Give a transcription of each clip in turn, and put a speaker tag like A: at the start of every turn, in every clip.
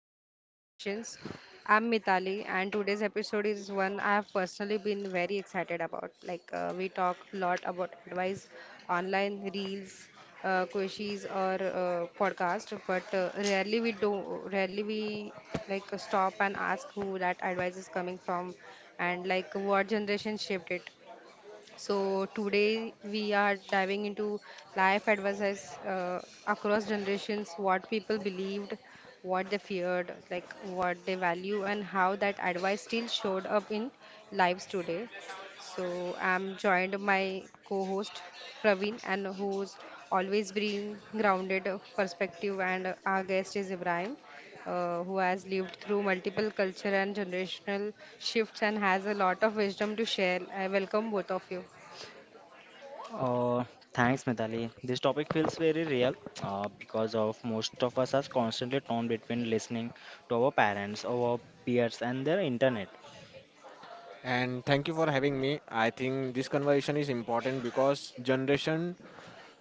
A: from Different Generations. I'm Mitali, and today's episode is one I have personally been very excited about. We talk a lot about advice online, reels, quizzes, or podcast, but rarely we like stop and ask who that advice is coming from, and like what generation shaped it. So today we are diving into life advices across generations, what people believed, what they feared, like what they value, and how that advice still showed up in lives today. So I'm joined my co-host Praveen, and who's always bring grounded perspective, and our guest is Ibrahim, who has lived through multiple culture and generational shifts and has a lot of wisdom to share. I welcome both of you.
B: Uh, Thanks, Mithali. This topic feels very real because of most of us are constantly torn between listening to our parents, our peers, and their internet,
C: And thank you for having me. I think this conversation is important because generation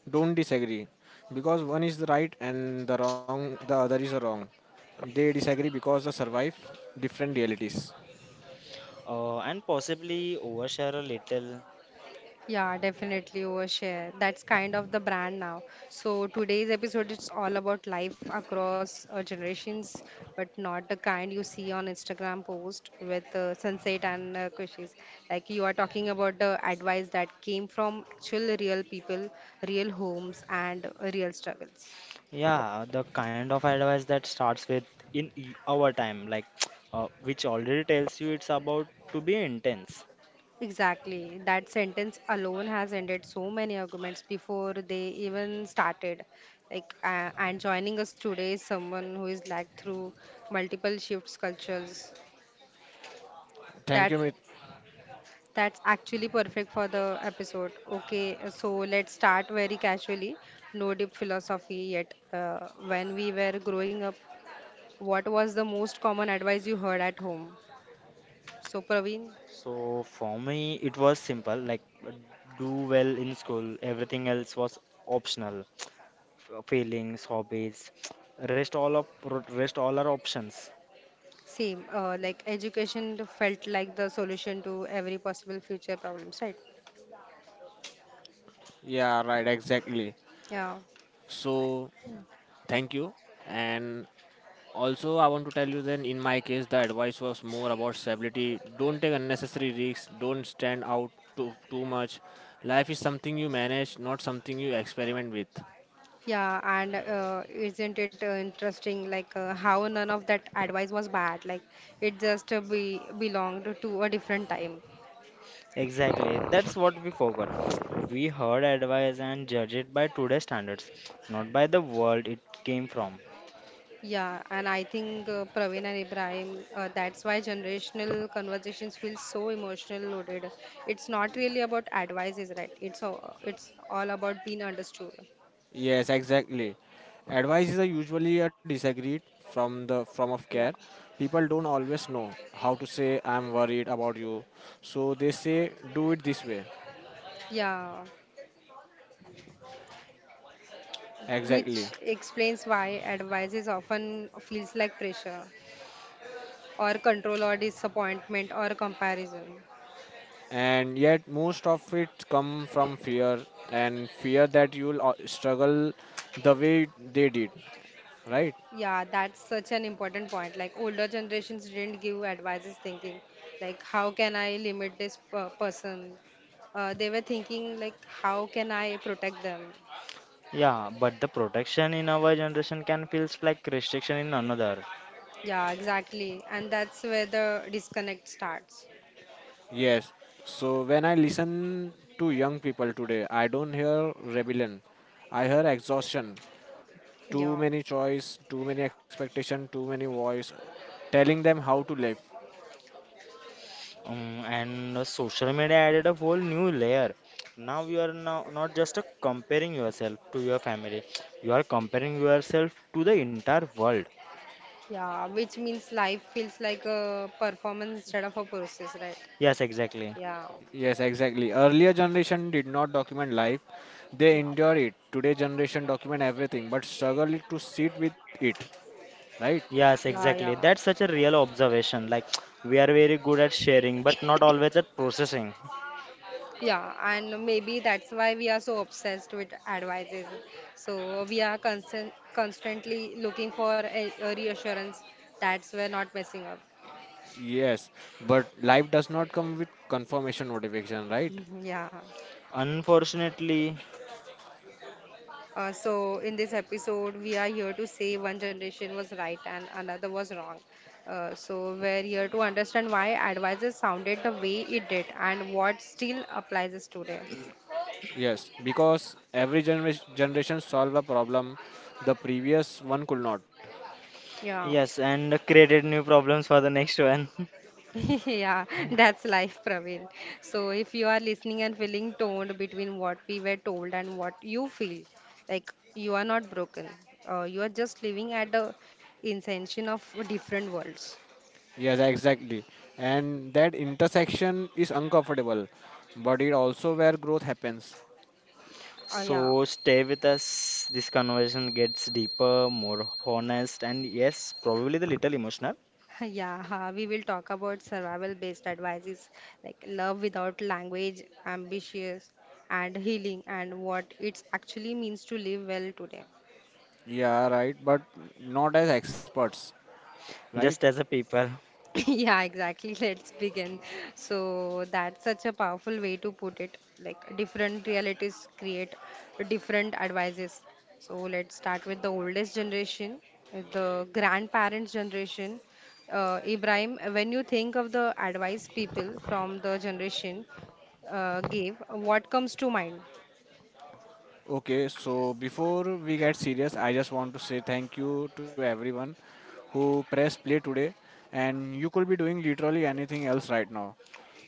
C: don't disagree because one is the right and the wrong, the other is the wrong. They disagree because they survive different realities.
B: and possibly overshare a little.
A: Yeah, definitely overshare. That's kind of the brand now. So today's episode is all about life across generations, but not the kind you see on Instagram post with sunset and kushies. Like you are talking about the advice that came from actual real people, real homes, and real struggles.
B: Yeah, the kind of advice that starts with our time, like which already tells you it's about to be intense.
A: Exactly. That sentence alone has ended so many arguments before they even started. And joining us today is someone who is like through multiple shifts, cultures.
C: Thank
A: That
C: you, Mit.
A: that's actually perfect for the episode. Okay, so let's start very casually. No deep philosophy yet. When we were growing up, what was the most common advice you heard at home? So, Praveen.
B: So for me, it was simple, like do well in school, everything else was optional. Feelings, hobbies, rest all of rest all our options.
A: Same, like education felt like the solution to every possible future problems, right?
C: Yeah, right, exactly.
A: Yeah,
C: So, thank you. And also, I want to tell you then, in my case, the advice was more about stability. Don't take unnecessary risks. Don't stand out too much. Life is something you manage, not something you experiment with.
A: yeah, and isn't it interesting, like how none of that advice was bad, like it just be belonged to a different time.
B: Exactly, that's what we forgot. We heard advice and judge it by today's standards, not by the world it came from.
A: Yeah, and I think Praveen and Ibrahim, that's why generational conversations feel so emotional loaded. It's not really about advices, right? It's all about being understood.
C: Yes, exactly. Advice is a usually a disagreed from of care.
A: Yeah,
C: People don't always know how to say I'm worried about you. So they say do it this way.
A: yeah.
C: Exactly.
A: Which explains why advice is often feels like pressure or control or disappointment or comparison.
C: And yet most of it come from fear and fear that you'll struggle the way they did, right?
A: Yeah, that's such an important point. Like older generations didn't give advices thinking like how can I limit this per person? They were thinking like how can I protect them?
B: Yeah, but the protection in our generation can feels like restriction in another.
A: Yeah, exactly. And that's where the disconnect starts.
C: Yes. So when I listen to young people today, I don't hear rebellion. I hear exhaustion too
A: Yeah.
C: many choice, too many expectation, too many voice telling them how to live.
B: And the social media added a whole new layer. Now you are now not just comparing yourself to your family, you are comparing yourself to the entire world.
A: Yeah, which means life feels like a performance instead of a process, right?
B: Yes, exactly.
A: Yeah.
C: Yes, exactly. Earlier generation did not document life. They
A: Yeah,
C: endure it. Today generation document everything but struggle it to sit with it. Right?
B: Yes,
A: yeah,
B: exactly.
A: yeah,
B: That's such a real observation. Like, we are very good at sharing, but not always at processing.
A: yeah, and maybe that's why we are so obsessed with advices. So we are constantly looking for a reassurance that we're not messing up.
C: Yes. But life does not come with confirmation notification, right?
A: Mhm, yeah.
B: Unfortunately,
A: So in this episode, we are here to say one generation was right and another was wrong. So we're here to understand why advices sounded the way it did and what still applies us today.
C: Yes, because every generation solve a problem the previous one could not.
A: Yeah.
B: yes, and created new problems for the next one.
A: Yeah, that's life, Praveen. So, if you are listening and feeling torn between what we were told and what you feel, like you are not broken, you are just living at the inception of different worlds.
C: Yes, exactly. And that intersection is uncomfortable, but it also where growth happens.
A: Yeah.
B: So, stay with us. This conversation gets deeper, more honest, and yes, probably the little emotional,
A: Yeah, ha, we will talk about survival-based advices like love without language, ambitious, and healing, and what it actually means to live well today.
C: Yeah, right. But not as experts, right?
B: just as a people.
A: Yeah, exactly. Let's begin. So that's such a powerful way to put it. Like different realities create different advices. So let's start with the oldest generation, with the grandparents' generation. Ibrahim, when you think of the advice people from the generation gave, what comes to mind?
C: Okay, so before we get serious, I just want to say thank you to everyone who pressed play today. And you could be doing literally anything else right now.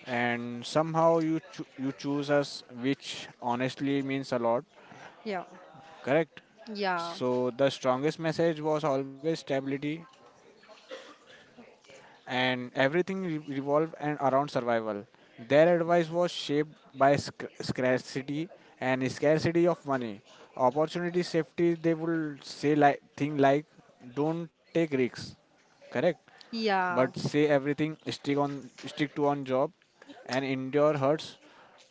C: And somehow you you choose us, which honestly means a lot.
A: Yeah.
C: Correct?
A: Yeah,
C: So the strongest message was always stability and everything revolved and around survival. Their advice was shaped by scarcity and scarcity of money, opportunity, safety. They will say like thing like, "Don't take risks," correct? But
A: yeah,
C: say everything. Stick to on job, and endure hurts.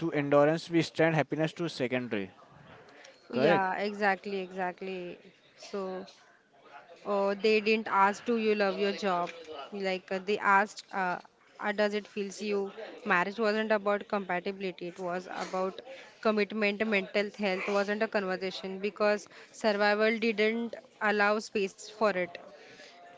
C: To endurance, we stand happiness to secondary. Correct.
A: yeah, exactly. So, oh, they didn't ask, do you love your job? Like they asked, does it feels you? Marriage wasn't about compatibility. It was about commitment. Mental health wasn't a conversation because survival didn't allow space for it.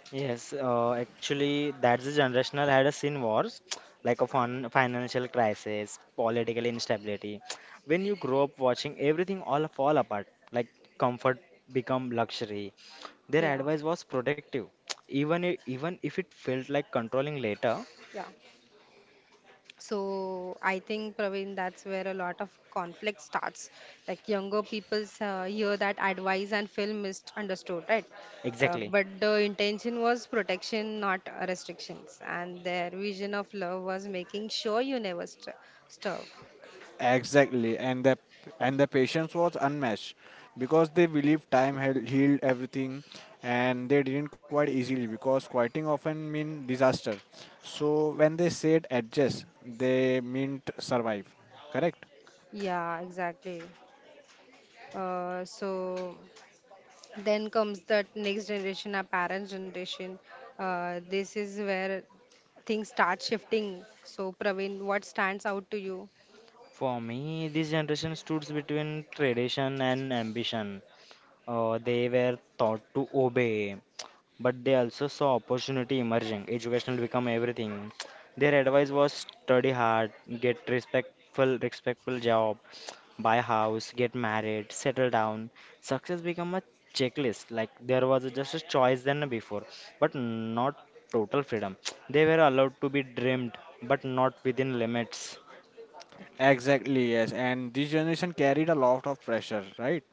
B: Yes, actually, that's the generational had a seen wars, like a fun
A: Uh,
B: financial crisis, political instability. When you grow up watching everything all fall apart, like comfort become luxury, their
A: Yeah,
B: advice was protective, even if it felt like controlling later.
A: yeah. So I think Praveen, that's where a lot of conflict starts. Like younger people's hear that advice and feel misunderstood, right?
B: Exactly.
A: But the intention was protection, not restrictions. And their vision of love was making sure you never st starve.
C: Exactly, and the patience was unmatched because they believed time had healed everything, and they didn't quite easily because quieting often mean disaster. So when they said adjust, they meant survive. Correct?
A: Yeah, exactly. So then comes that next generation, our parents' generation. This is where things start shifting. So Praveen, what stands out to you?
B: For me, this generation stood between tradition and ambition. They were taught to obey, but they also saw opportunity emerging. Educational become everything. Their advice was study hard, get respectful job, buy house, get married, settle down. Success become a checklist. Like there was just a choice than before, but not total freedom. They were allowed to be dreamed, but not within limits.
C: Exactly, yes. And this generation carried a lot of pressure, right?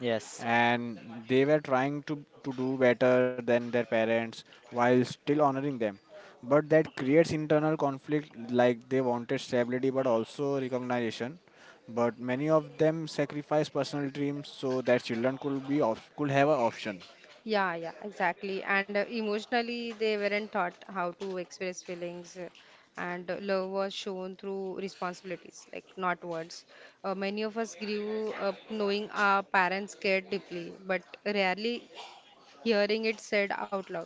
B: Yes.
C: And they were trying to do better than their parents while still honoring them. But that creates internal conflict like they wanted stability but also recognition. But many of them sacrifice personal dreams so that children could be could have an option.
A: Yeah, yeah, exactly. And emotionally, they weren't taught how to express feelings, and love was shown through responsibilities, like not words. Many of us grew up knowing our parents cared deeply, but rarely hearing it said out loud.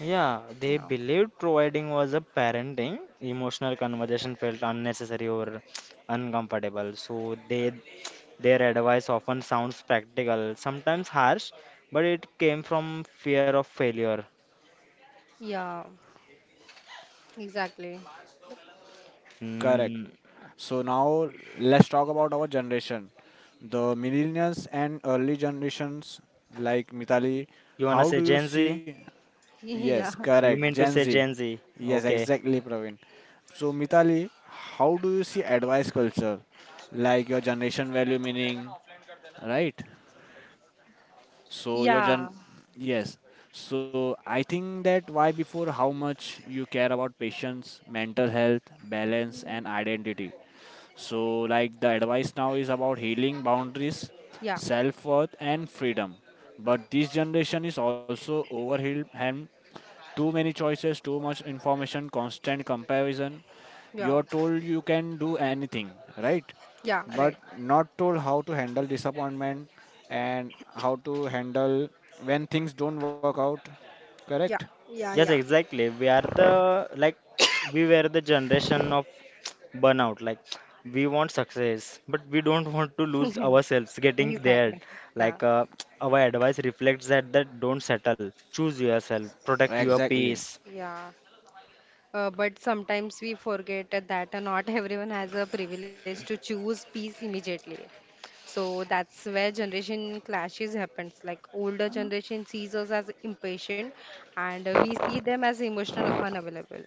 B: Yeah, they
A: Yeah,
B: believed providing was a parenting. Emotional conversation felt unnecessary or uncomfortable. So they their advice often sounds practical, sometimes harsh, but it came from fear of failure.
A: yeah, exactly.
C: Correct.
B: Mm,
C: So now let's talk about our generation, the millennials and early generations like Mitali.
B: you wanna
C: How
B: say
C: do you
B: Gen Z?
C: see? Yes,
A: Yeah,
B: You
C: correct.
B: mean to
C: Gen
B: say
C: Z.
B: Gen Z?
C: Yes,
B: Okay.
C: exactly, Praveen. So Mitali, how do you see advice culture, like your generation value meaning, right? So your gen
A: yeah,
C: Yes. So I think that why before how much you care about patience, mental health, balance and identity. So like the advice now is about healing boundaries,
A: yeah,
C: self worth and freedom. But this generation is also overwhelmed too many choices, too much information, constant comparison.
A: yeah,
C: You're told you can do anything, right?
A: yeah,
C: But
A: right.
C: not told how to handle disappointment and how to handle when things don't work out. Correct?
A: Yeah, yeah,
B: Yes,
A: yeah.
B: exactly. We were the generation of burnout, like we want success but we don't want to lose ourselves getting there,
A: Exactly. Yeah,
B: like our advice reflects that, that don't settle, choose yourself, protect your
C: Exactly.
B: peace.
A: yeah. But sometimes we forget that not everyone has a privilege to choose peace immediately. So that's where generation clashes happens. Like older generation sees us as impatient, and we see them as emotional unavailable.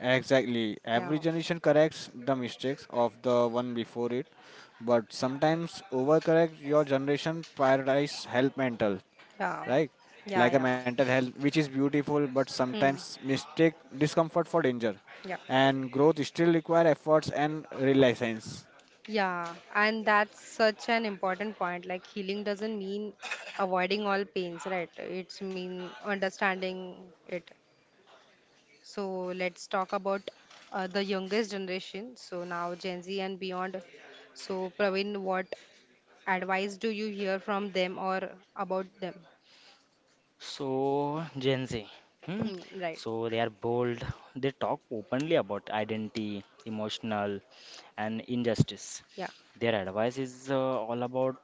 C: Exactly.
A: Yeah,
C: Every generation corrects the mistakes of the one before it, but sometimes overcorrect your generation prioritize health mental,
A: yeah,
C: right?
A: yeah,
C: Like a
A: yeah.
C: mental health, which is beautiful, but
A: Hmm.
C: sometimes mistake discomfort for danger,
A: Yeah.
C: and growth still require efforts and reliance.
A: Yeah, and that's such an important point. Like healing doesn't mean avoiding all pains, right? It's mean understanding it. So let's talk about the youngest generation. So now Gen Z and beyond. So Praveen, what advice do you hear from them or about them?
B: So, Gen Z. Hmm?
A: Hmm, right.
B: So, they are bold. They talk openly about identity, emotional, and injustice.
A: Yeah.
B: Their advice is all about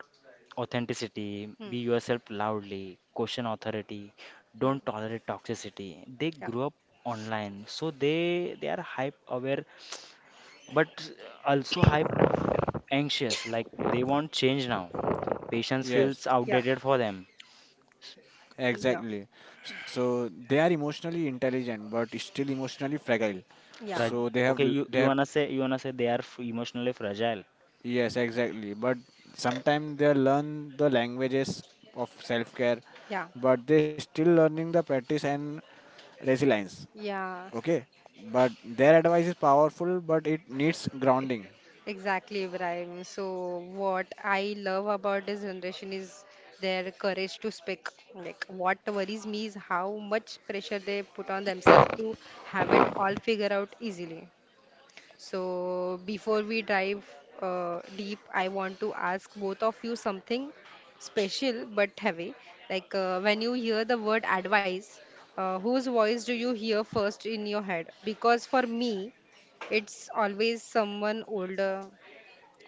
B: authenticity,
A: Hmm,
B: be yourself loudly, question authority,
A: hmm.
B: don't tolerate toxicity. They
A: Yeah.
B: grew up online, so they are hype aware, but also hype anxious. Like they want change now. Patience feels
C: Yes,
A: Yeah.
B: outdated for them.
A: Yeah.
C: exactly. So they are emotionally intelligent, but still emotionally fragile.
A: Yeah.
B: Frag-
C: So they have
B: okay, you,
C: they
B: you
C: have
B: wanna say you wanna say they are emotionally fragile.
C: yes, exactly. But sometimes they learn the languages of self care,
A: Yeah.
C: but they still learning the practice and resilience.
A: Yeah.
C: Okay, but their advice is powerful, but it needs
A: e-
C: grounding.
A: Exactly, Ibrahim. So what I love about this generation is their courage to speak. Like what worries me is how much pressure they put on themselves to have it all figured out easily. So, before we dive deep, I want to ask both of you something special but heavy. When you hear the word advice, whose voice do you hear first in your head? Because for me, it's always someone older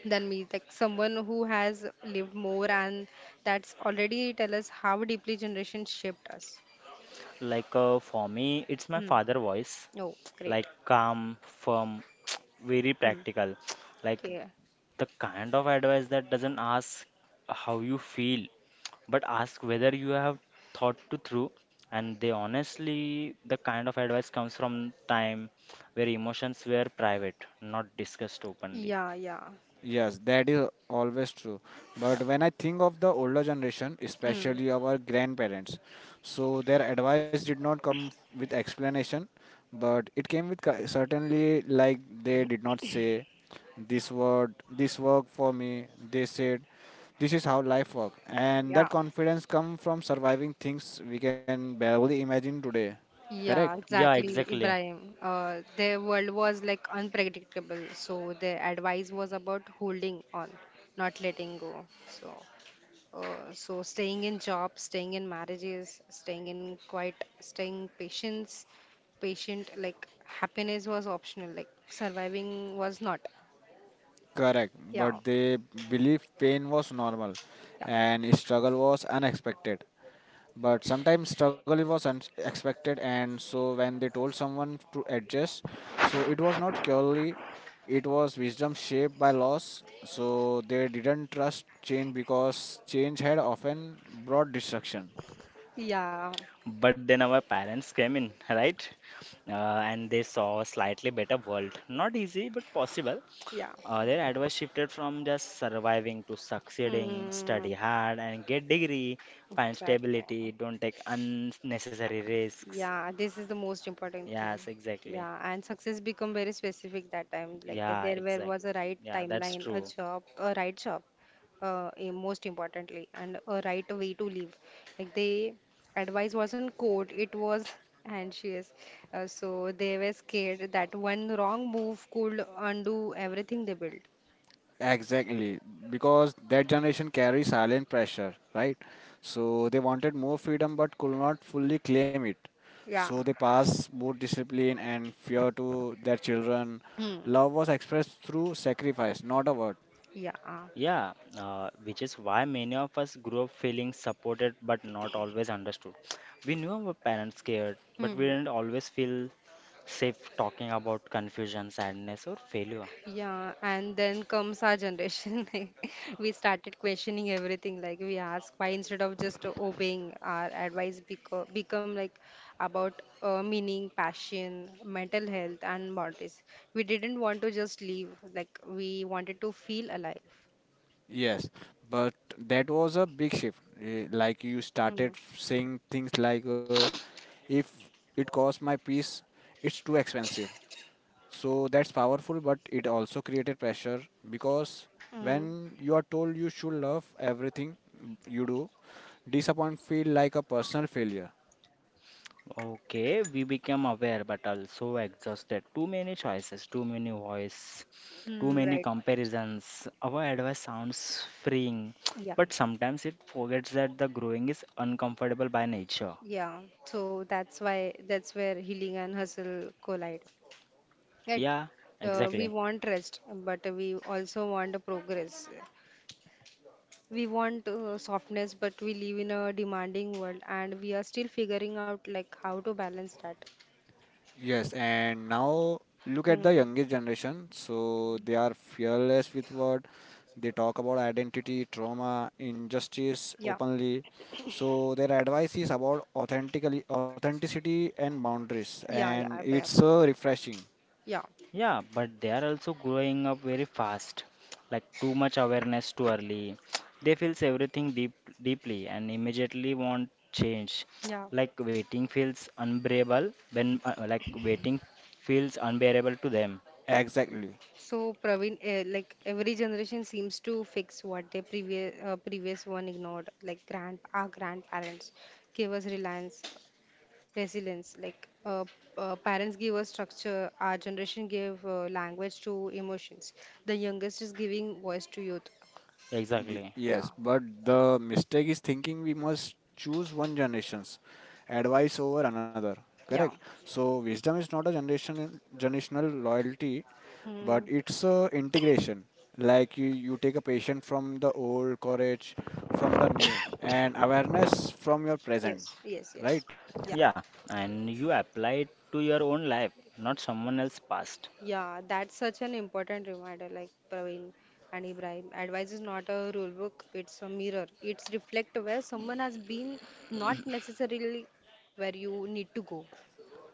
A: than me, like someone who has lived more, and that's already tell us how deeply generations shaped us.
B: Like for me, it's my
A: Hmm.
B: father voice,
A: Oh, great.
B: like calm, firm, very
A: Hmm.
B: practical, like
A: Okay.
B: the kind of advice that doesn't ask how you feel, but ask whether you have thought to through. And they honestly, the kind of advice comes from time where emotions were private, not discussed openly.
A: Yeah, yeah,
C: Yes, that is always true.
A: yeah.
C: But when I think of the older generation,
A: Hmm.
C: especially our grandparents, so their advice did not come with explanation, but it came with certainly like they did not say this word, this work for me. They said this is how life work, and that
A: Yeah.
C: confidence come from surviving things we can barely imagine today. Correct?
A: Yeah,
B: Yeah,
A: exactly,
B: exactly.
A: Ibrahim. Their world was like unpredictable, so their advice was about holding on, not letting go. So, staying in jobs, staying in marriages, staying in quiet, patient. Like happiness was optional, like surviving was not.
C: Correct,
A: Yeah,
C: but they believed pain was normal
A: yeah,
C: and struggle was unexpected. But sometimes struggle was unexpected, and so when they told someone to adjust, so it was not purely, it was wisdom shaped by loss. So they didn't trust change because change had often brought destruction.
A: yeah,
B: But then our parents came in, right? And they saw a slightly better world. Not easy, but possible.
A: yeah.
B: Their advice shifted from just surviving to succeeding, study
A: Hmm,
B: hard, and get degree, find
A: exactly.
B: stability, don't take unnecessary risks.
A: Yeah, this is the most important thing.
B: Yes, exactly.
A: Yeah, and success become very specific that time. Like
B: Yeah,
A: there were
B: exactly.
A: was a right
B: Yeah, that's
A: timeline, a
B: true.
A: job, a right job, most importantly, and a right way to live. Like they advice wasn't code, it was anxious. So they were scared that one wrong move could undo everything they built.
C: Exactly, because that generation carries silent pressure, right? So they wanted more freedom but could not fully claim it.
A: Yeah.
C: So they passed both discipline and fear to their children.
A: Hmm.
C: Love was expressed through sacrifice, not a word.
A: Yeah.
B: Yeah, which is why many of us grew up feeling supported but not always understood. We knew our parents cared, but we
A: Hmm.
B: didn't always feel safe talking about confusion, sadness, or failure.
A: Yeah, and then comes our generation. Like, we started questioning everything. Like we ask why instead of just obeying, our advice become like about meaning, passion, mental health, and boundaries. We didn't want to just leave. Like we wanted to feel alive.
C: Yes, but that was a big shift. Like you started
A: Mm,
C: saying things like, if it costs my peace, it's too expensive. So that's powerful, but it also created pressure because
A: mm,
C: when you are told you should love everything you do, disappointment feel like a personal failure.
B: Okay, we became aware but also exhausted. Too many choices, too many voice, too
A: mm,
B: many
A: right.
B: comparisons. Our advice sounds freeing,
A: Yeah.
B: but sometimes it forgets that the growing is uncomfortable by nature.
A: Yeah, so that's why that's where healing and hustle collide. Right.
B: Yeah,
A: We
B: exactly.
A: want rest, but we also want progress. We want softness, but we live in a demanding world, and we are still figuring out like how to balance that.
C: Yes, and now look at the
A: Mm.
C: youngest generation. So they are fearless with word. They talk about identity, trauma, injustice
A: Yeah,
C: openly. So their advice is about authentically authenticity and boundaries,
A: yeah, yeah,
C: and
A: Abraham.
C: it's refreshing.
A: Yeah,
B: Yeah, but they are also growing up very fast. Like too much awareness too early. They feels everything deeply and immediately want change.
A: yeah.
B: Like waiting feels unbearable when like waiting feels unbearable to them.
C: Exactly.
A: So Praveen, like every generation seems to fix what their previous one ignored. Like grand our grandparents gave us reliance, resilience, like parents give us structure, our generation gave language to emotions. The youngest is giving voice to youth.
C: Y-
B: Exactly.
A: Yeah,
C: yes, but the mistake is thinking we must choose one generation's advice over another. Correct.
A: yeah.
C: So wisdom is not a generation generational loyalty, but
A: Hmm.
C: it's a integration. Like you take a patient from the old, courage from the new, and awareness from your present.
A: Yes, yes, yes.
C: Right?
A: Yeah,
B: Yeah, and you apply it to your own life, not someone else's past.
A: yeah. That's such an important reminder, like Praveen and Ibrahim. Advice is not a rule book; it's a mirror. It's reflect where someone has been, not necessarily where you need to go.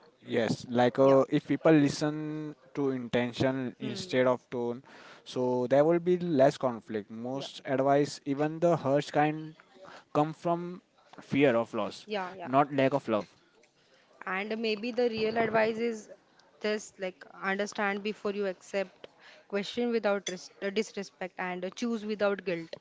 C: Yes, like
A: Yeah.
C: if people listen to intention
A: Hmm.
C: instead of tone, so there will be less conflict.
A: Yeah.
C: Most advice, even the harsh kind, come from fear of loss,
A: Yeah. Yeah.
C: not lack of love.
A: And maybe the real advice is just like understand before you accept, question without res disrespect, and choose without guilt.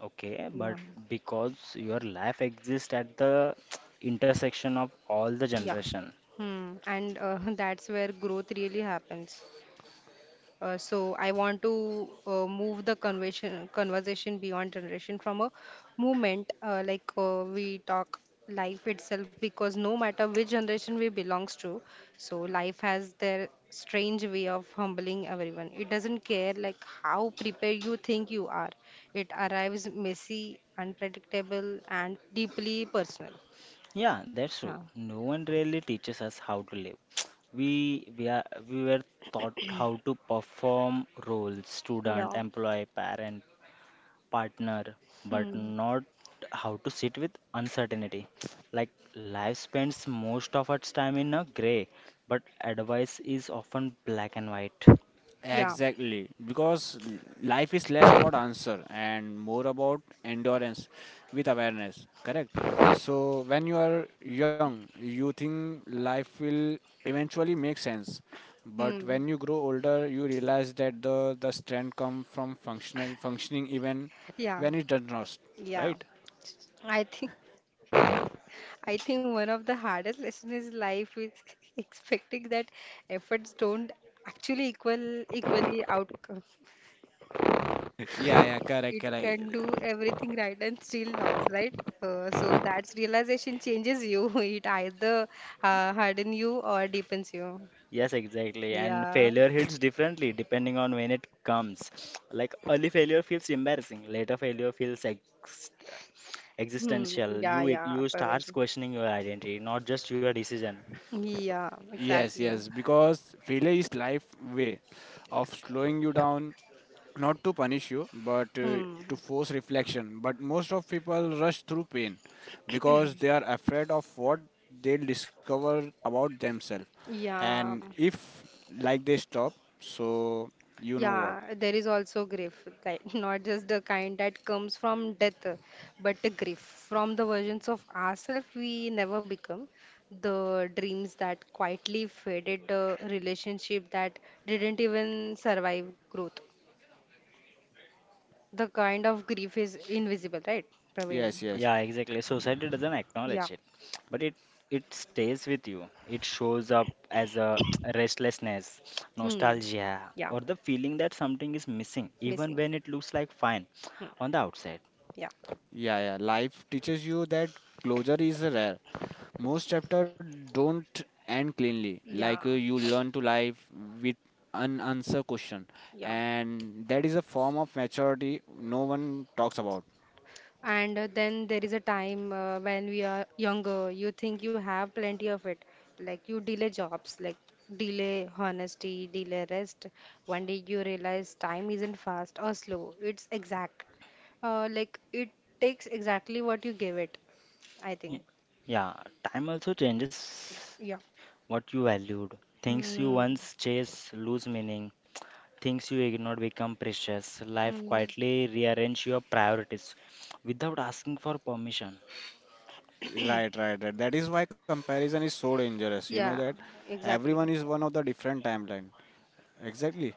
B: Okay,
A: Yeah,
B: but because your life exists at the intersection of all the
A: yeah.
B: generation.
A: Hmm. And that's where growth really happens. So I want to move the conversation beyond generation from a movement, like we talk life itself, because no matter which generation we belongs to, so life has their strange way of humbling everyone. It doesn't care like how prepared you think you are. It arrives messy, unpredictable, and deeply personal.
B: Yeah, that's true.
A: Yeah.
B: No one really teaches us how to live. We we are we were taught how to perform roles, student,
A: Yeah.
B: employee, parent, partner, but
A: Hmm.
B: not how to sit with uncertainty. Like life spends most of its time in a gray, but advice is often black and white.
A: Yeah.
C: Exactly, because life is less about answer and more about endurance with awareness, correct? So when you are young, you think life will eventually make sense. But
A: Hmm.
C: when you grow older, you realize that the strength comes from functional, functioning even
A: Yeah.
C: when it does not,
A: Yeah.
C: right?
A: I think. I think one of the hardest lessons in life is expecting that efforts don't actually equal equally outcome.
C: Yeah, yeah, correct,
A: It
C: correct.
A: can do everything right and still loss, right? So that realization changes you. It either harden you or deepens you.
B: Yes, exactly. And
A: Yeah.
B: failure hits differently depending on when it comes. Like early failure feels embarrassing, later failure feels ex
A: Hmm.
B: existential.
A: Yeah,
B: You
A: yeah,
B: you
A: Praveen.
B: starts questioning your identity, not just your decision.
A: Yeah,
C: Yes, yes,
A: exactly.
C: because failure is life way of slowing you down, not to punish you, but to
A: Hmm.
C: force reflection. But most of people rush through pain because they are afraid of what they'll discover about themselves. And
A: Yeah.
C: if like they stop, so you know what.
A: Yeah, there is also grief, like not just the kind that comes from death, but the grief from the versions of ourselves we never become, the dreams that quietly faded, the relationship that didn't even survive growth. The kind of grief is invisible, right,
C: Yes,
A: Praveen?
C: yes.
B: Yeah, exactly, society doesn't
A: Yeah.
B: acknowledge it, but it stays with you. It shows up as a restlessness,
A: Hmm.
B: nostalgia,
A: Yeah.
B: or the feeling that something is missing even
A: Missing.
B: when it looks like fine
A: Hmm.
B: on the outside.
A: Yeah.
C: Yeah, yeah. Life teaches you that closure is rare. Most chapter don't end cleanly. Like
A: Yeah.
C: you learn to live with unanswered question,
A: Yeah.
C: and that is a form of maturity no one talks about.
A: And then there is a time when we are younger, you think you have plenty of it. Like you delay jobs, like delay honesty, delay rest. One day you realize time isn't fast or slow, it's exact. Like it takes exactly what you give it, I
B: Y-
A: think.
B: yeah, time also
A: Yeah,
B: changes
A: yeah.
B: what you valued. Things you
A: Hmm.
B: once chased lose meaning. Things you ignored become precious. Life
A: Hmm.
B: quietly rearrange your priorities without asking for permission.
C: Right, right, right. That is why comparison is so dangerous. You know
A: Yeah,
C: that everyone
A: exactly.
C: is one of the different timeline. Exactly.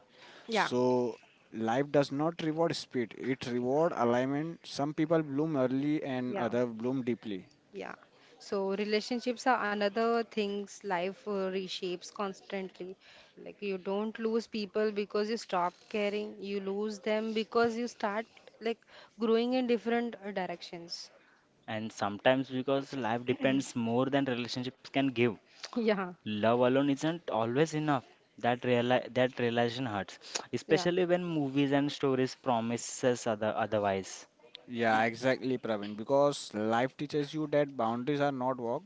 A: Yeah,
C: So life does not reward speed. It reward alignment. Some people bloom early and
A: yeah.
C: other bloom deeply.
A: Yeah. So relationships are another things life reshapes constantly. Like you don't lose people because you stop caring. You lose them because you start like growing in different directions.
B: And sometimes because life depends more than relationships can give.
A: Yeah.
B: Love alone isn't always enough. That realization hurts,
A: Yeah.
B: especially when movies and stories promises otherwise.
C: Yeah, exactly, Praveen. Because life teaches you that boundaries are not walls,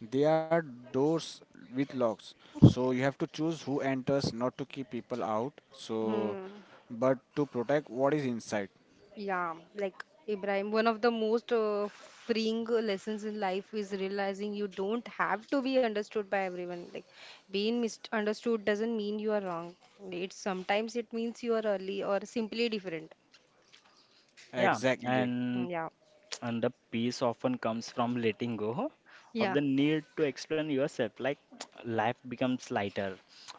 C: they are doors with locks. So you have to choose who enters, not to keep people out. So,
A: Hmm.
C: but to protect what is inside.
A: Yeah, like Ibrahim, one of the most freeing lessons in life is realizing you don't have to be understood by everyone. Like being misunderstood doesn't mean you are wrong. It sometimes it means you are early or simply different.
B: Yeah,
C: Exactly.
B: and
A: Yeah,
B: And the peace often comes from letting go of
A: yeah.
B: the need to explain yourself. Like life becomes lighter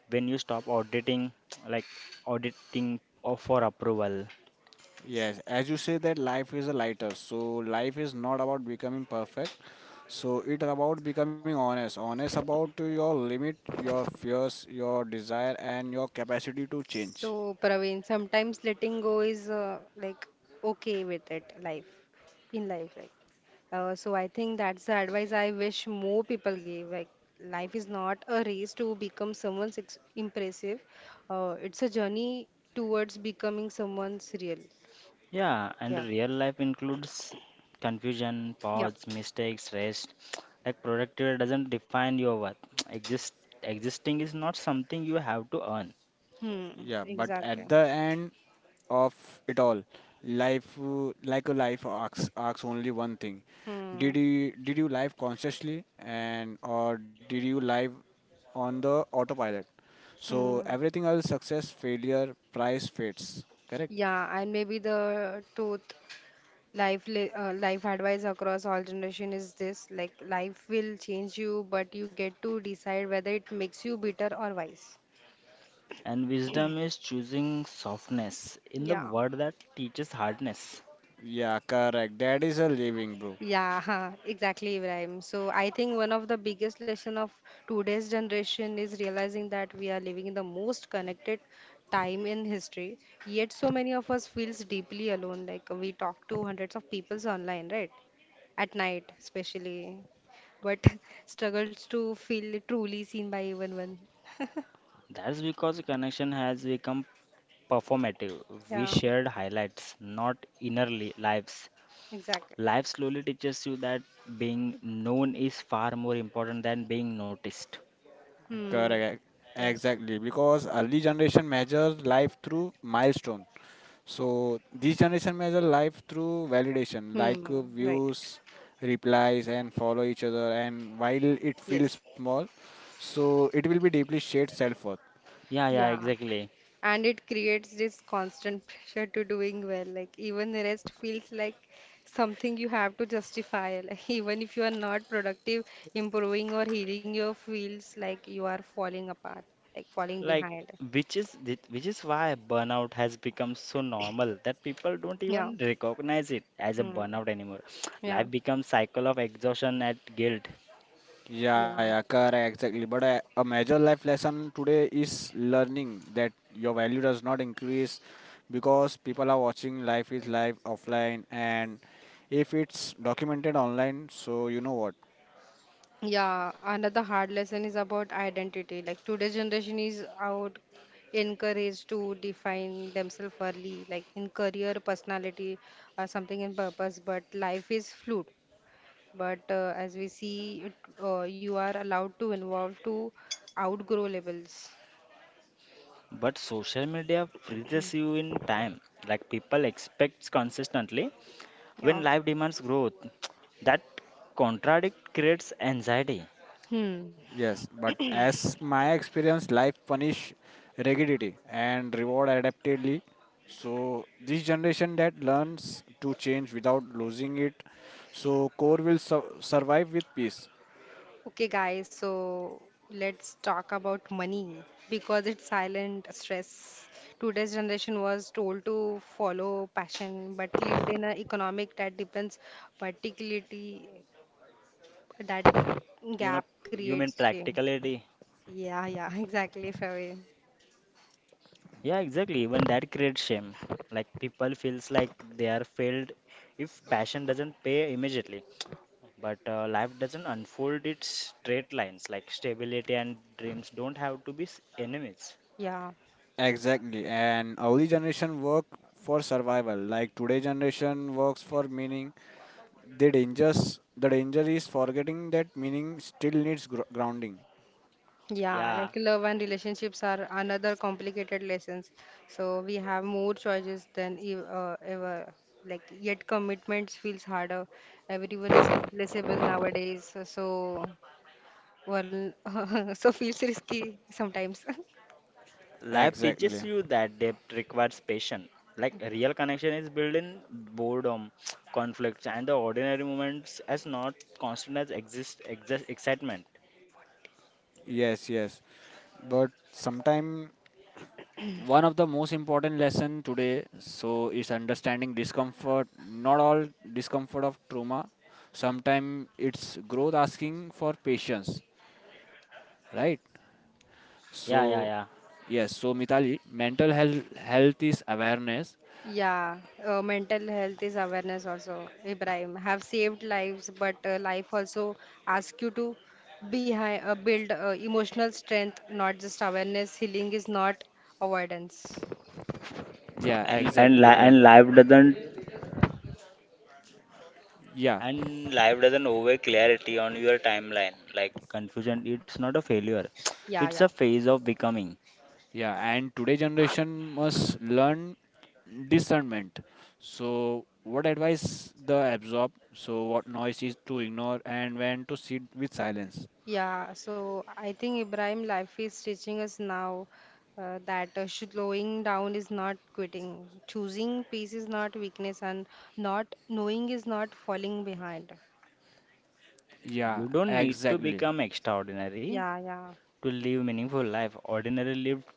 B: when you stop auditing, like auditing or for approval.
C: Yes, as you say that life is a lighter. So life is not about becoming perfect. So it's about becoming honest, honest about to your limit, your fears, your desire, and your capacity to change.
A: So, Praveen, sometimes letting go is like okay with it, life, in life, like. So I think that's the advice I wish more people give. Like, life is not a race to become someone's ex impressive. It's a journey towards becoming someone's real.
B: Yeah, and
A: Yeah.
B: real life includes confusion,
A: Yeah.
B: pause, mistakes, rest. Like productivity doesn't define your worth. Exist Existing is not something you have to earn.
A: Hmm.
C: Yeah, but
A: Exactly.
C: at the end of it all, life like a life asks only one thing: did
A: Hmm.
C: you did you live consciously and or did you live on the autopilot? So
A: Hmm.
C: everything else, success, failure, price, fates. Correct?
A: Yeah, and maybe the truth life advice across all generation is this, like life will change you but you get to decide whether it makes you bitter or wise.
B: And wisdom is choosing softness in the
A: Yeah.
B: word that teaches hardness.
C: Yeah, correct. That is a living, bro.
A: Yeah. Huh, exactly, Ibrahim. So I think one of the biggest lesson of today's generation is realizing that we are living in the most connected time in history, yet so many of us feels deeply alone. Like we talk to hundreds of people online, right, at night especially, but struggles to feel truly seen by even one.
B: That's because connection has become performative. We
A: Yeah,
B: shared highlights, not inner lives.
A: exactly.
B: Life slowly teaches you that being known is far more important than being noticed.
A: Hmm.
C: Correct.
A: Yes.
C: Exactly. Because early generation measures life through milestone. So this generation measure life through validation, like
A: Hmm. Right.
C: views, replies, and follow each other. And while it
A: Yes.
C: feels small, so it will be deeply shared self worth.
B: Yeah, yeah,
A: Yeah.
B: exactly.
A: And it creates this constant pressure to doing well. Like even the rest feels like something you have to justify. Like even if you are not productive, improving or healing your feels like you are falling apart, like falling
B: Like,
A: behind.
B: which is which is why burnout has become so normal that people don't
A: Yeah.
B: even recognize it as a
A: Hmm.
B: burnout anymore.
A: Yeah.
B: Life becomes cycle of exhaustion and guilt.
A: Yeah.
C: Yeah, yeah, correct, exactly. But a major life lesson today is learning that your value does not increase because people are watching life is live offline and if it's documented online, so you know what?
A: Yeah, another hard lesson is about identity. Like today's generation is out encouraged to define themselves early, like in career, personality, or something in purpose. But life is fluid. But as we see, it, you are allowed to involve to outgrow labels.
B: But social media freezes you in time. Like people expects consistently when
A: Yeah.
B: life demands growth. That contradict creates anxiety.
A: Hmm.
C: Yes, but as my experience, life punish rigidity and reward adaptively. So this generation that learns to change without losing it, so core will survive with peace.
A: Okay, guys, so let's talk about money because it's silent stress. Today's generation was told to follow passion but lived in an economic that depends particularly, that
B: You know,
A: gap
B: human
A: creates shame.
B: practicality.
A: Yeah, yeah, exactly, Fabi.
B: Yeah, exactly. Even that creates shame. Like people feels like they are failed if passion doesn't pay immediately. But life doesn't unfold its straight lines. Like stability and dreams don't have to be enemies.
A: Yeah.
C: Exactly, and early generation work for survival. Like today generation works for meaning. The dangers, the danger is forgetting that meaning still needs grounding.
A: Yeah, like
B: Yeah.
A: love and relationships are another complicated lessons. So we have more choices than e ever. Like yet commitments feels harder. Everyone is replaceable nowadays. So one so feels risky sometimes.
B: Life teaches
C: Exactly.
B: you that depth requires patience. Like real connection is built in boredom, conflicts, and the ordinary moments as not constant as exist excitement.
C: Yes, yes. But sometime one of the most important lesson today so is understanding discomfort, not all discomfort of trauma. Sometimes it's growth asking for patience, right?
B: Yeah,
C: So
B: yeah, yeah.
C: yes, so Mitali, mental health is awareness.
A: Yeah, mental health is awareness also. Ibrahim have saved lives, but life also asks you to build emotional strength, not just awareness. Healing is not avoidance.
C: Yeah,
B: And
C: exactly correct.
B: life doesn't
C: Yeah,
B: over clarity on your timeline. Like confusion, it's not a failure.
A: Yeah,
B: It's
A: yeah.
B: a phase of becoming.
C: yeah, and today generation must learn discernment. So what advice the absorb? So what noise is to ignore and when to sit with silence.
A: Yeah, so I think Ibrahim, life is teaching us now that slowing down is not quitting, choosing peace is not weakness, and not knowing is not falling behind.
C: Yeah,
B: You don't need to
C: exactly.
B: become extraordinary
A: Yeah, yeah,
B: to live meaningful life. Ordinary lived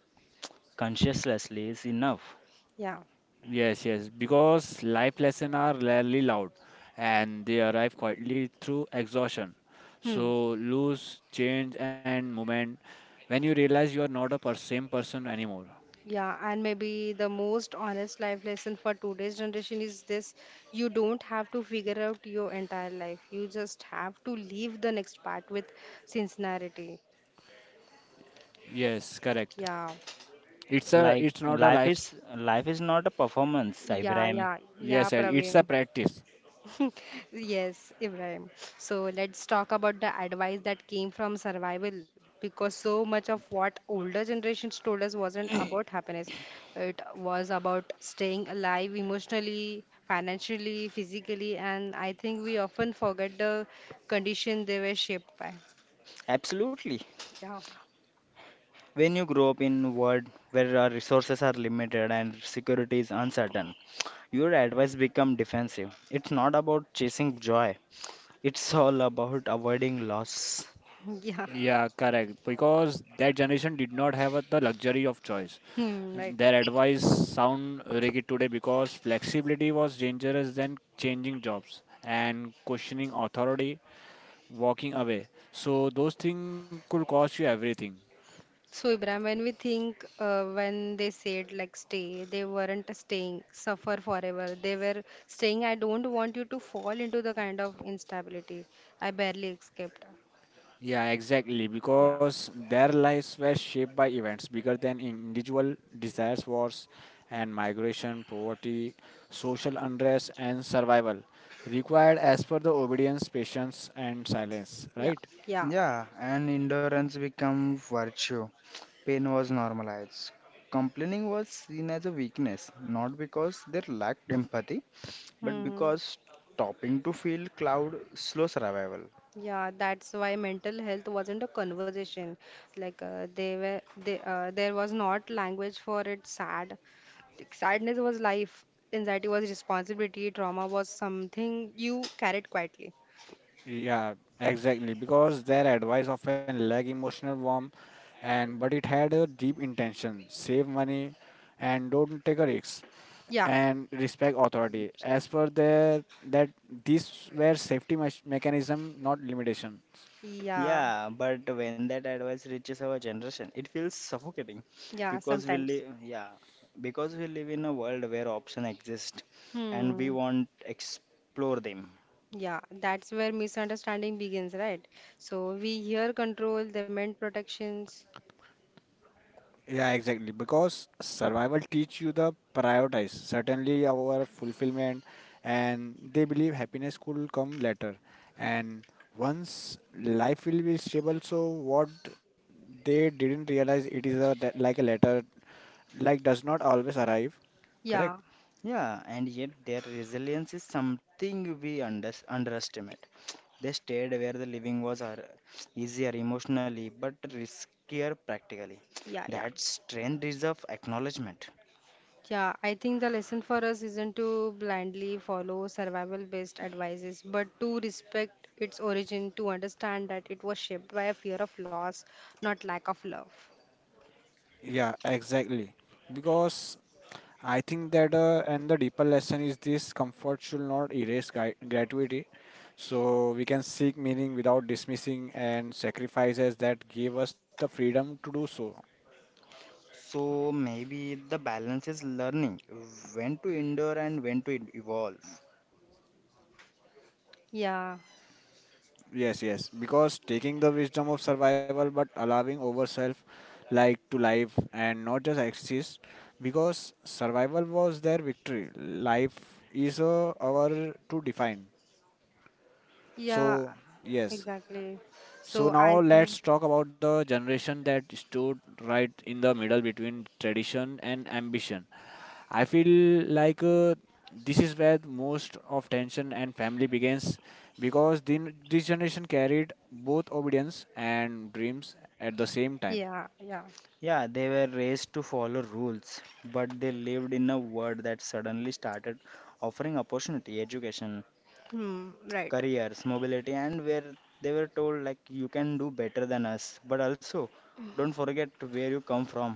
B: consciously is enough.
A: yeah.
C: Yes, yes, because life lessons are rarely loud and they arrive quietly through exhaustion.
A: Hmm.
C: So lose, change and moment when you realize you are not a same person anymore.
A: Yeah, and maybe the most honest life lesson for today's generation is this: you don't have to figure out your entire life. You just have to leave the next part with sincerity.
C: Yes, correct.
A: Yeah,
B: Like
C: It's not a
B: life
C: life
B: is life is not a performance,
A: yeah,
B: Ibrahim.
A: yeah, yeah,
C: yes, and it's a
A: Praveen.
C: practice.
A: Yes, Ibrahim. So let's talk about the advice that came from survival, because so much of what older generations told us wasn't about happiness. It was about staying alive emotionally, financially, physically, and I think we often forget the condition they were shaped by.
B: Absolutely.
A: Yeah.
B: When you grow up in a world where our resources are limited and security is uncertain, your advice become defensive. It's not about chasing joy. It's all about avoiding loss.
A: Yeah.
C: Yeah, correct. Because that generation did not have the luxury of choice.
A: Hmm, right.
C: Their advice sound rigid today because flexibility was dangerous than changing jobs and questioning authority, walking away. So those things could cost you everything.
A: So, Ibrahim, when we think when they said like stay, they weren't staying, suffer forever. They were saying, I don't want you to fall into the kind of instability. I barely escaped.
C: Yeah, exactly.
A: Yeah,
C: Because their lives were shaped by events bigger than individual desires, wars and migration, poverty, social unrest, and survival, required as per the obedience, patience, and silence.
A: yeah,
C: Right?
A: yeah.
B: Yeah, and endurance became virtue. Pain was normalized. Complaining was seen as a weakness, not because they lacked empathy, but
A: Hmm.
B: because stopping to feel cloud slow survival.
A: Yeah, that's why mental health wasn't a conversation. Like they were, they there was not language for it. Like, sadness was life. Anxiety was responsibility. Trauma was something you carried quietly.
C: Yeah, exactly. Because their advice often lack emotional warmth, and but it had a deep intention: save money, and don't take a risk,
A: Yeah,
C: and respect authority. As per their that these were safety mechanism, not limitations.
A: yeah.
B: Yeah, but when that advice reaches our generation, it feels suffocating
A: Yeah,
B: because we
A: sometimes.
B: live, yeah, because we live in a world where options exist and we
A: Hmm.
B: want to explore them.
A: Yeah, that's where misunderstanding begins, right? So we hear control, they meant protections.
C: Yeah, exactly. Because survival teach you the prioritize. Certainly our fulfillment and they believe happiness could come later. And once life will be stable, so what they didn't realize it is a that- like a letter like does not always arrive. Correct?
A: Yeah,
B: Yeah, and yet their resilience is something we underestimate. They stayed where the living was easier emotionally but riskier practically.
A: yeah, yeah.
B: That strength deserves acknowledgement.
A: Yeah, I think the lesson for us isn't to blindly follow survival-based advices, but to respect its origin, to understand that it was shaped by a fear of loss, not lack of love.
C: Yeah, exactly. Because I think that, and the deeper lesson is this comfort should not erase gratuity. So we can seek meaning without dismissing and sacrifices that gave us the freedom to do so.
B: So maybe the balance is learning when to endure and when to evolve.
A: Yeah,
C: Yes, yes. Because taking the wisdom of survival but allowing ourselves like to live and not just exist. Because survival was their victory. Life is our to define.
A: yeah,
C: So yes,
A: exactly.
C: so
A: So I
C: now
A: think,
C: let's talk about the generation that stood right in the middle between tradition and ambition. I feel like this is where most of tension and family begins because this generation carried both obedience and dreams at the same time.
A: yeah, yeah.
B: Yeah, they were raised to follow rules, but they lived in a world that suddenly started offering opportunity, education,
A: Hmm, right.
B: careers, mobility, and where they were told like you can do better than us, but also don't forget where you come from,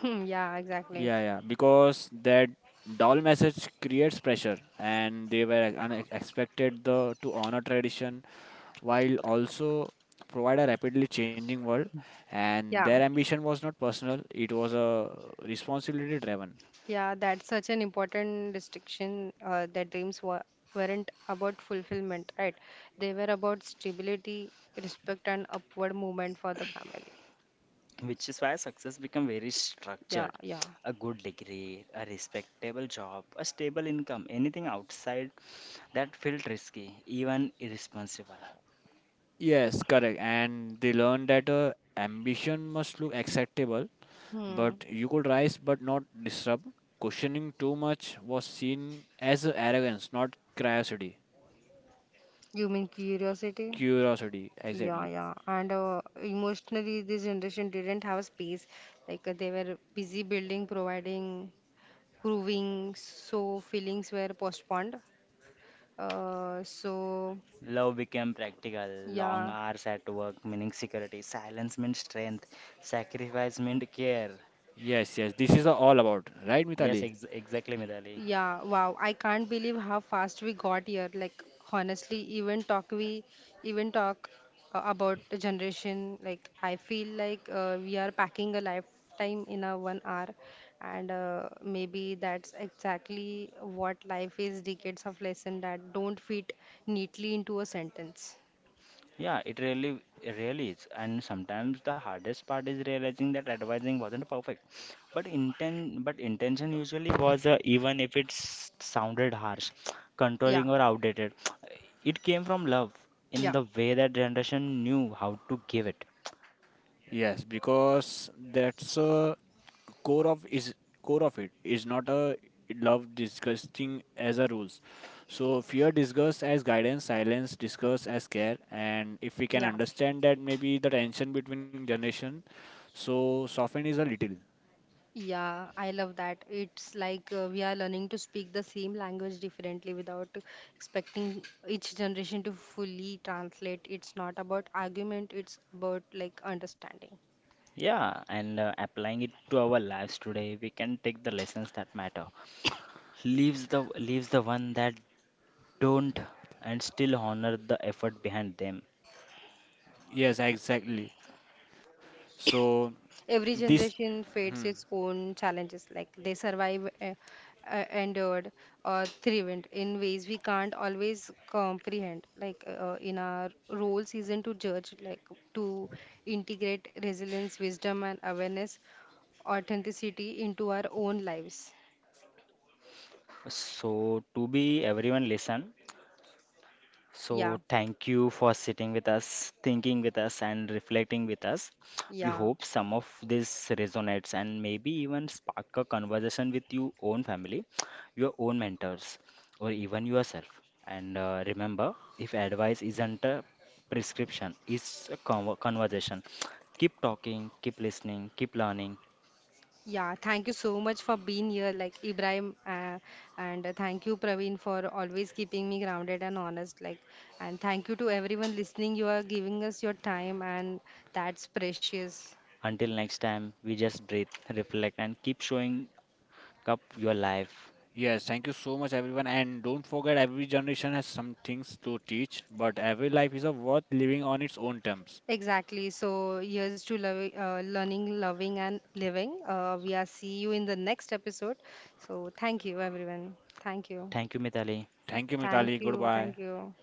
A: Hmm, yeah, exactly.
C: Yeah, yeah, because that dull message creates pressure, and they were unexpected the to honor tradition while also provide a rapidly changing world. And their
A: Yeah,
C: ambition was not personal; it was a responsibility driven.
A: yeah, that's such an important distinction that dreams weren't about fulfillment, right? They were about stability, respect, and upward movement for the family.
B: which is why success become very
A: Yeah,
B: structured,
A: yeah.
B: a good degree, a respectable job, a stable income, anything outside that felt risky, even irresponsible.
C: Yes, correct. And they learned that ambition must look acceptable,
A: Hmm.
C: but you could rise but not disrupt. Questioning too much was seen as arrogance, not curiosity.
A: You mean curiosity?
C: Curiosity,
A: Yeah,
C: exactly.
A: yeah. And emotionally, this generation didn't have space. Like they were busy building, providing, proving, so feelings were postponed. Uh, so,
B: Love became practical. Long
A: yeah.
B: hours at work, meaning security. Silence meant strength. Sacrifice meant care.
C: Yes, yes. This is all about, right,
B: Yes,
C: Mitali?
B: exactly, Midali.
A: Yeah, wow. I can't believe how fast we got here. Like honestly, even talk about the generation. Like I feel like we are packing a lifetime in a 1 hour, and maybe that's exactly what life is. Decades of lesson that don't fit neatly into a sentence.
B: Yeah, it really is. And sometimes the hardest part is realizing that advising wasn't perfect, but but intention usually was, even if it sounded harsh,
A: Yeah,
B: controlling or outdated. It came from love
A: yeah,
B: in the way that generation knew how to give it.
C: Yes, because that's a core of is core of it is not a love disgusting as a rules. So fear disgust as guidance, silence disgust as care, and if we can
A: yeah.
C: understand that maybe the tension between generation, so soften is a little.
A: Yeah, I love that. It's like we are learning to speak the same language differently without expecting each generation to fully translate. It's not about argument, it's about like understanding.
B: Yeah, and applying it to our lives today, we can take the lessons that matter. Leaves the one that don't and still honor the effort behind them.
C: Yes, exactly. So
A: Every
C: this
A: generation faces its own challenges, like they survive, endured, or thrived in ways we can't always comprehend. Like in our roles, isn't to judge, like to integrate resilience, wisdom, and awareness authenticity into our own lives.
B: So to be everyone listen,
A: Yeah,
B: so, thank you for sitting with us, thinking with us, and reflecting with us. We
A: yeah,
B: hope some of this resonates and maybe even spark a conversation with your own family, your own mentors, or even yourself. And remember, if advice isn't a prescription, it's a conversation. Keep talking, keep listening, keep learning.
A: yeah. Thank you so much for being here, like Ibrahim, and thank you, Praveen, for always keeping me grounded and honest. Like, and thank you to everyone listening. You are giving us your time, and that's precious.
B: Until next time, we just breathe, reflect, and keep showing up your life.
C: yes, thank you so much, everyone. And don't forget, every generation has some things to teach, but every life is a worth living on its own terms.
A: Exactly. So, here's to learning, loving, and living. We are see you in the next episode. So, thank you, everyone. Thank you.
B: Thank you, Mitali.
C: Thank you,
A: Thank
C: Mitali.
A: you.
C: Goodbye.
A: Thank you.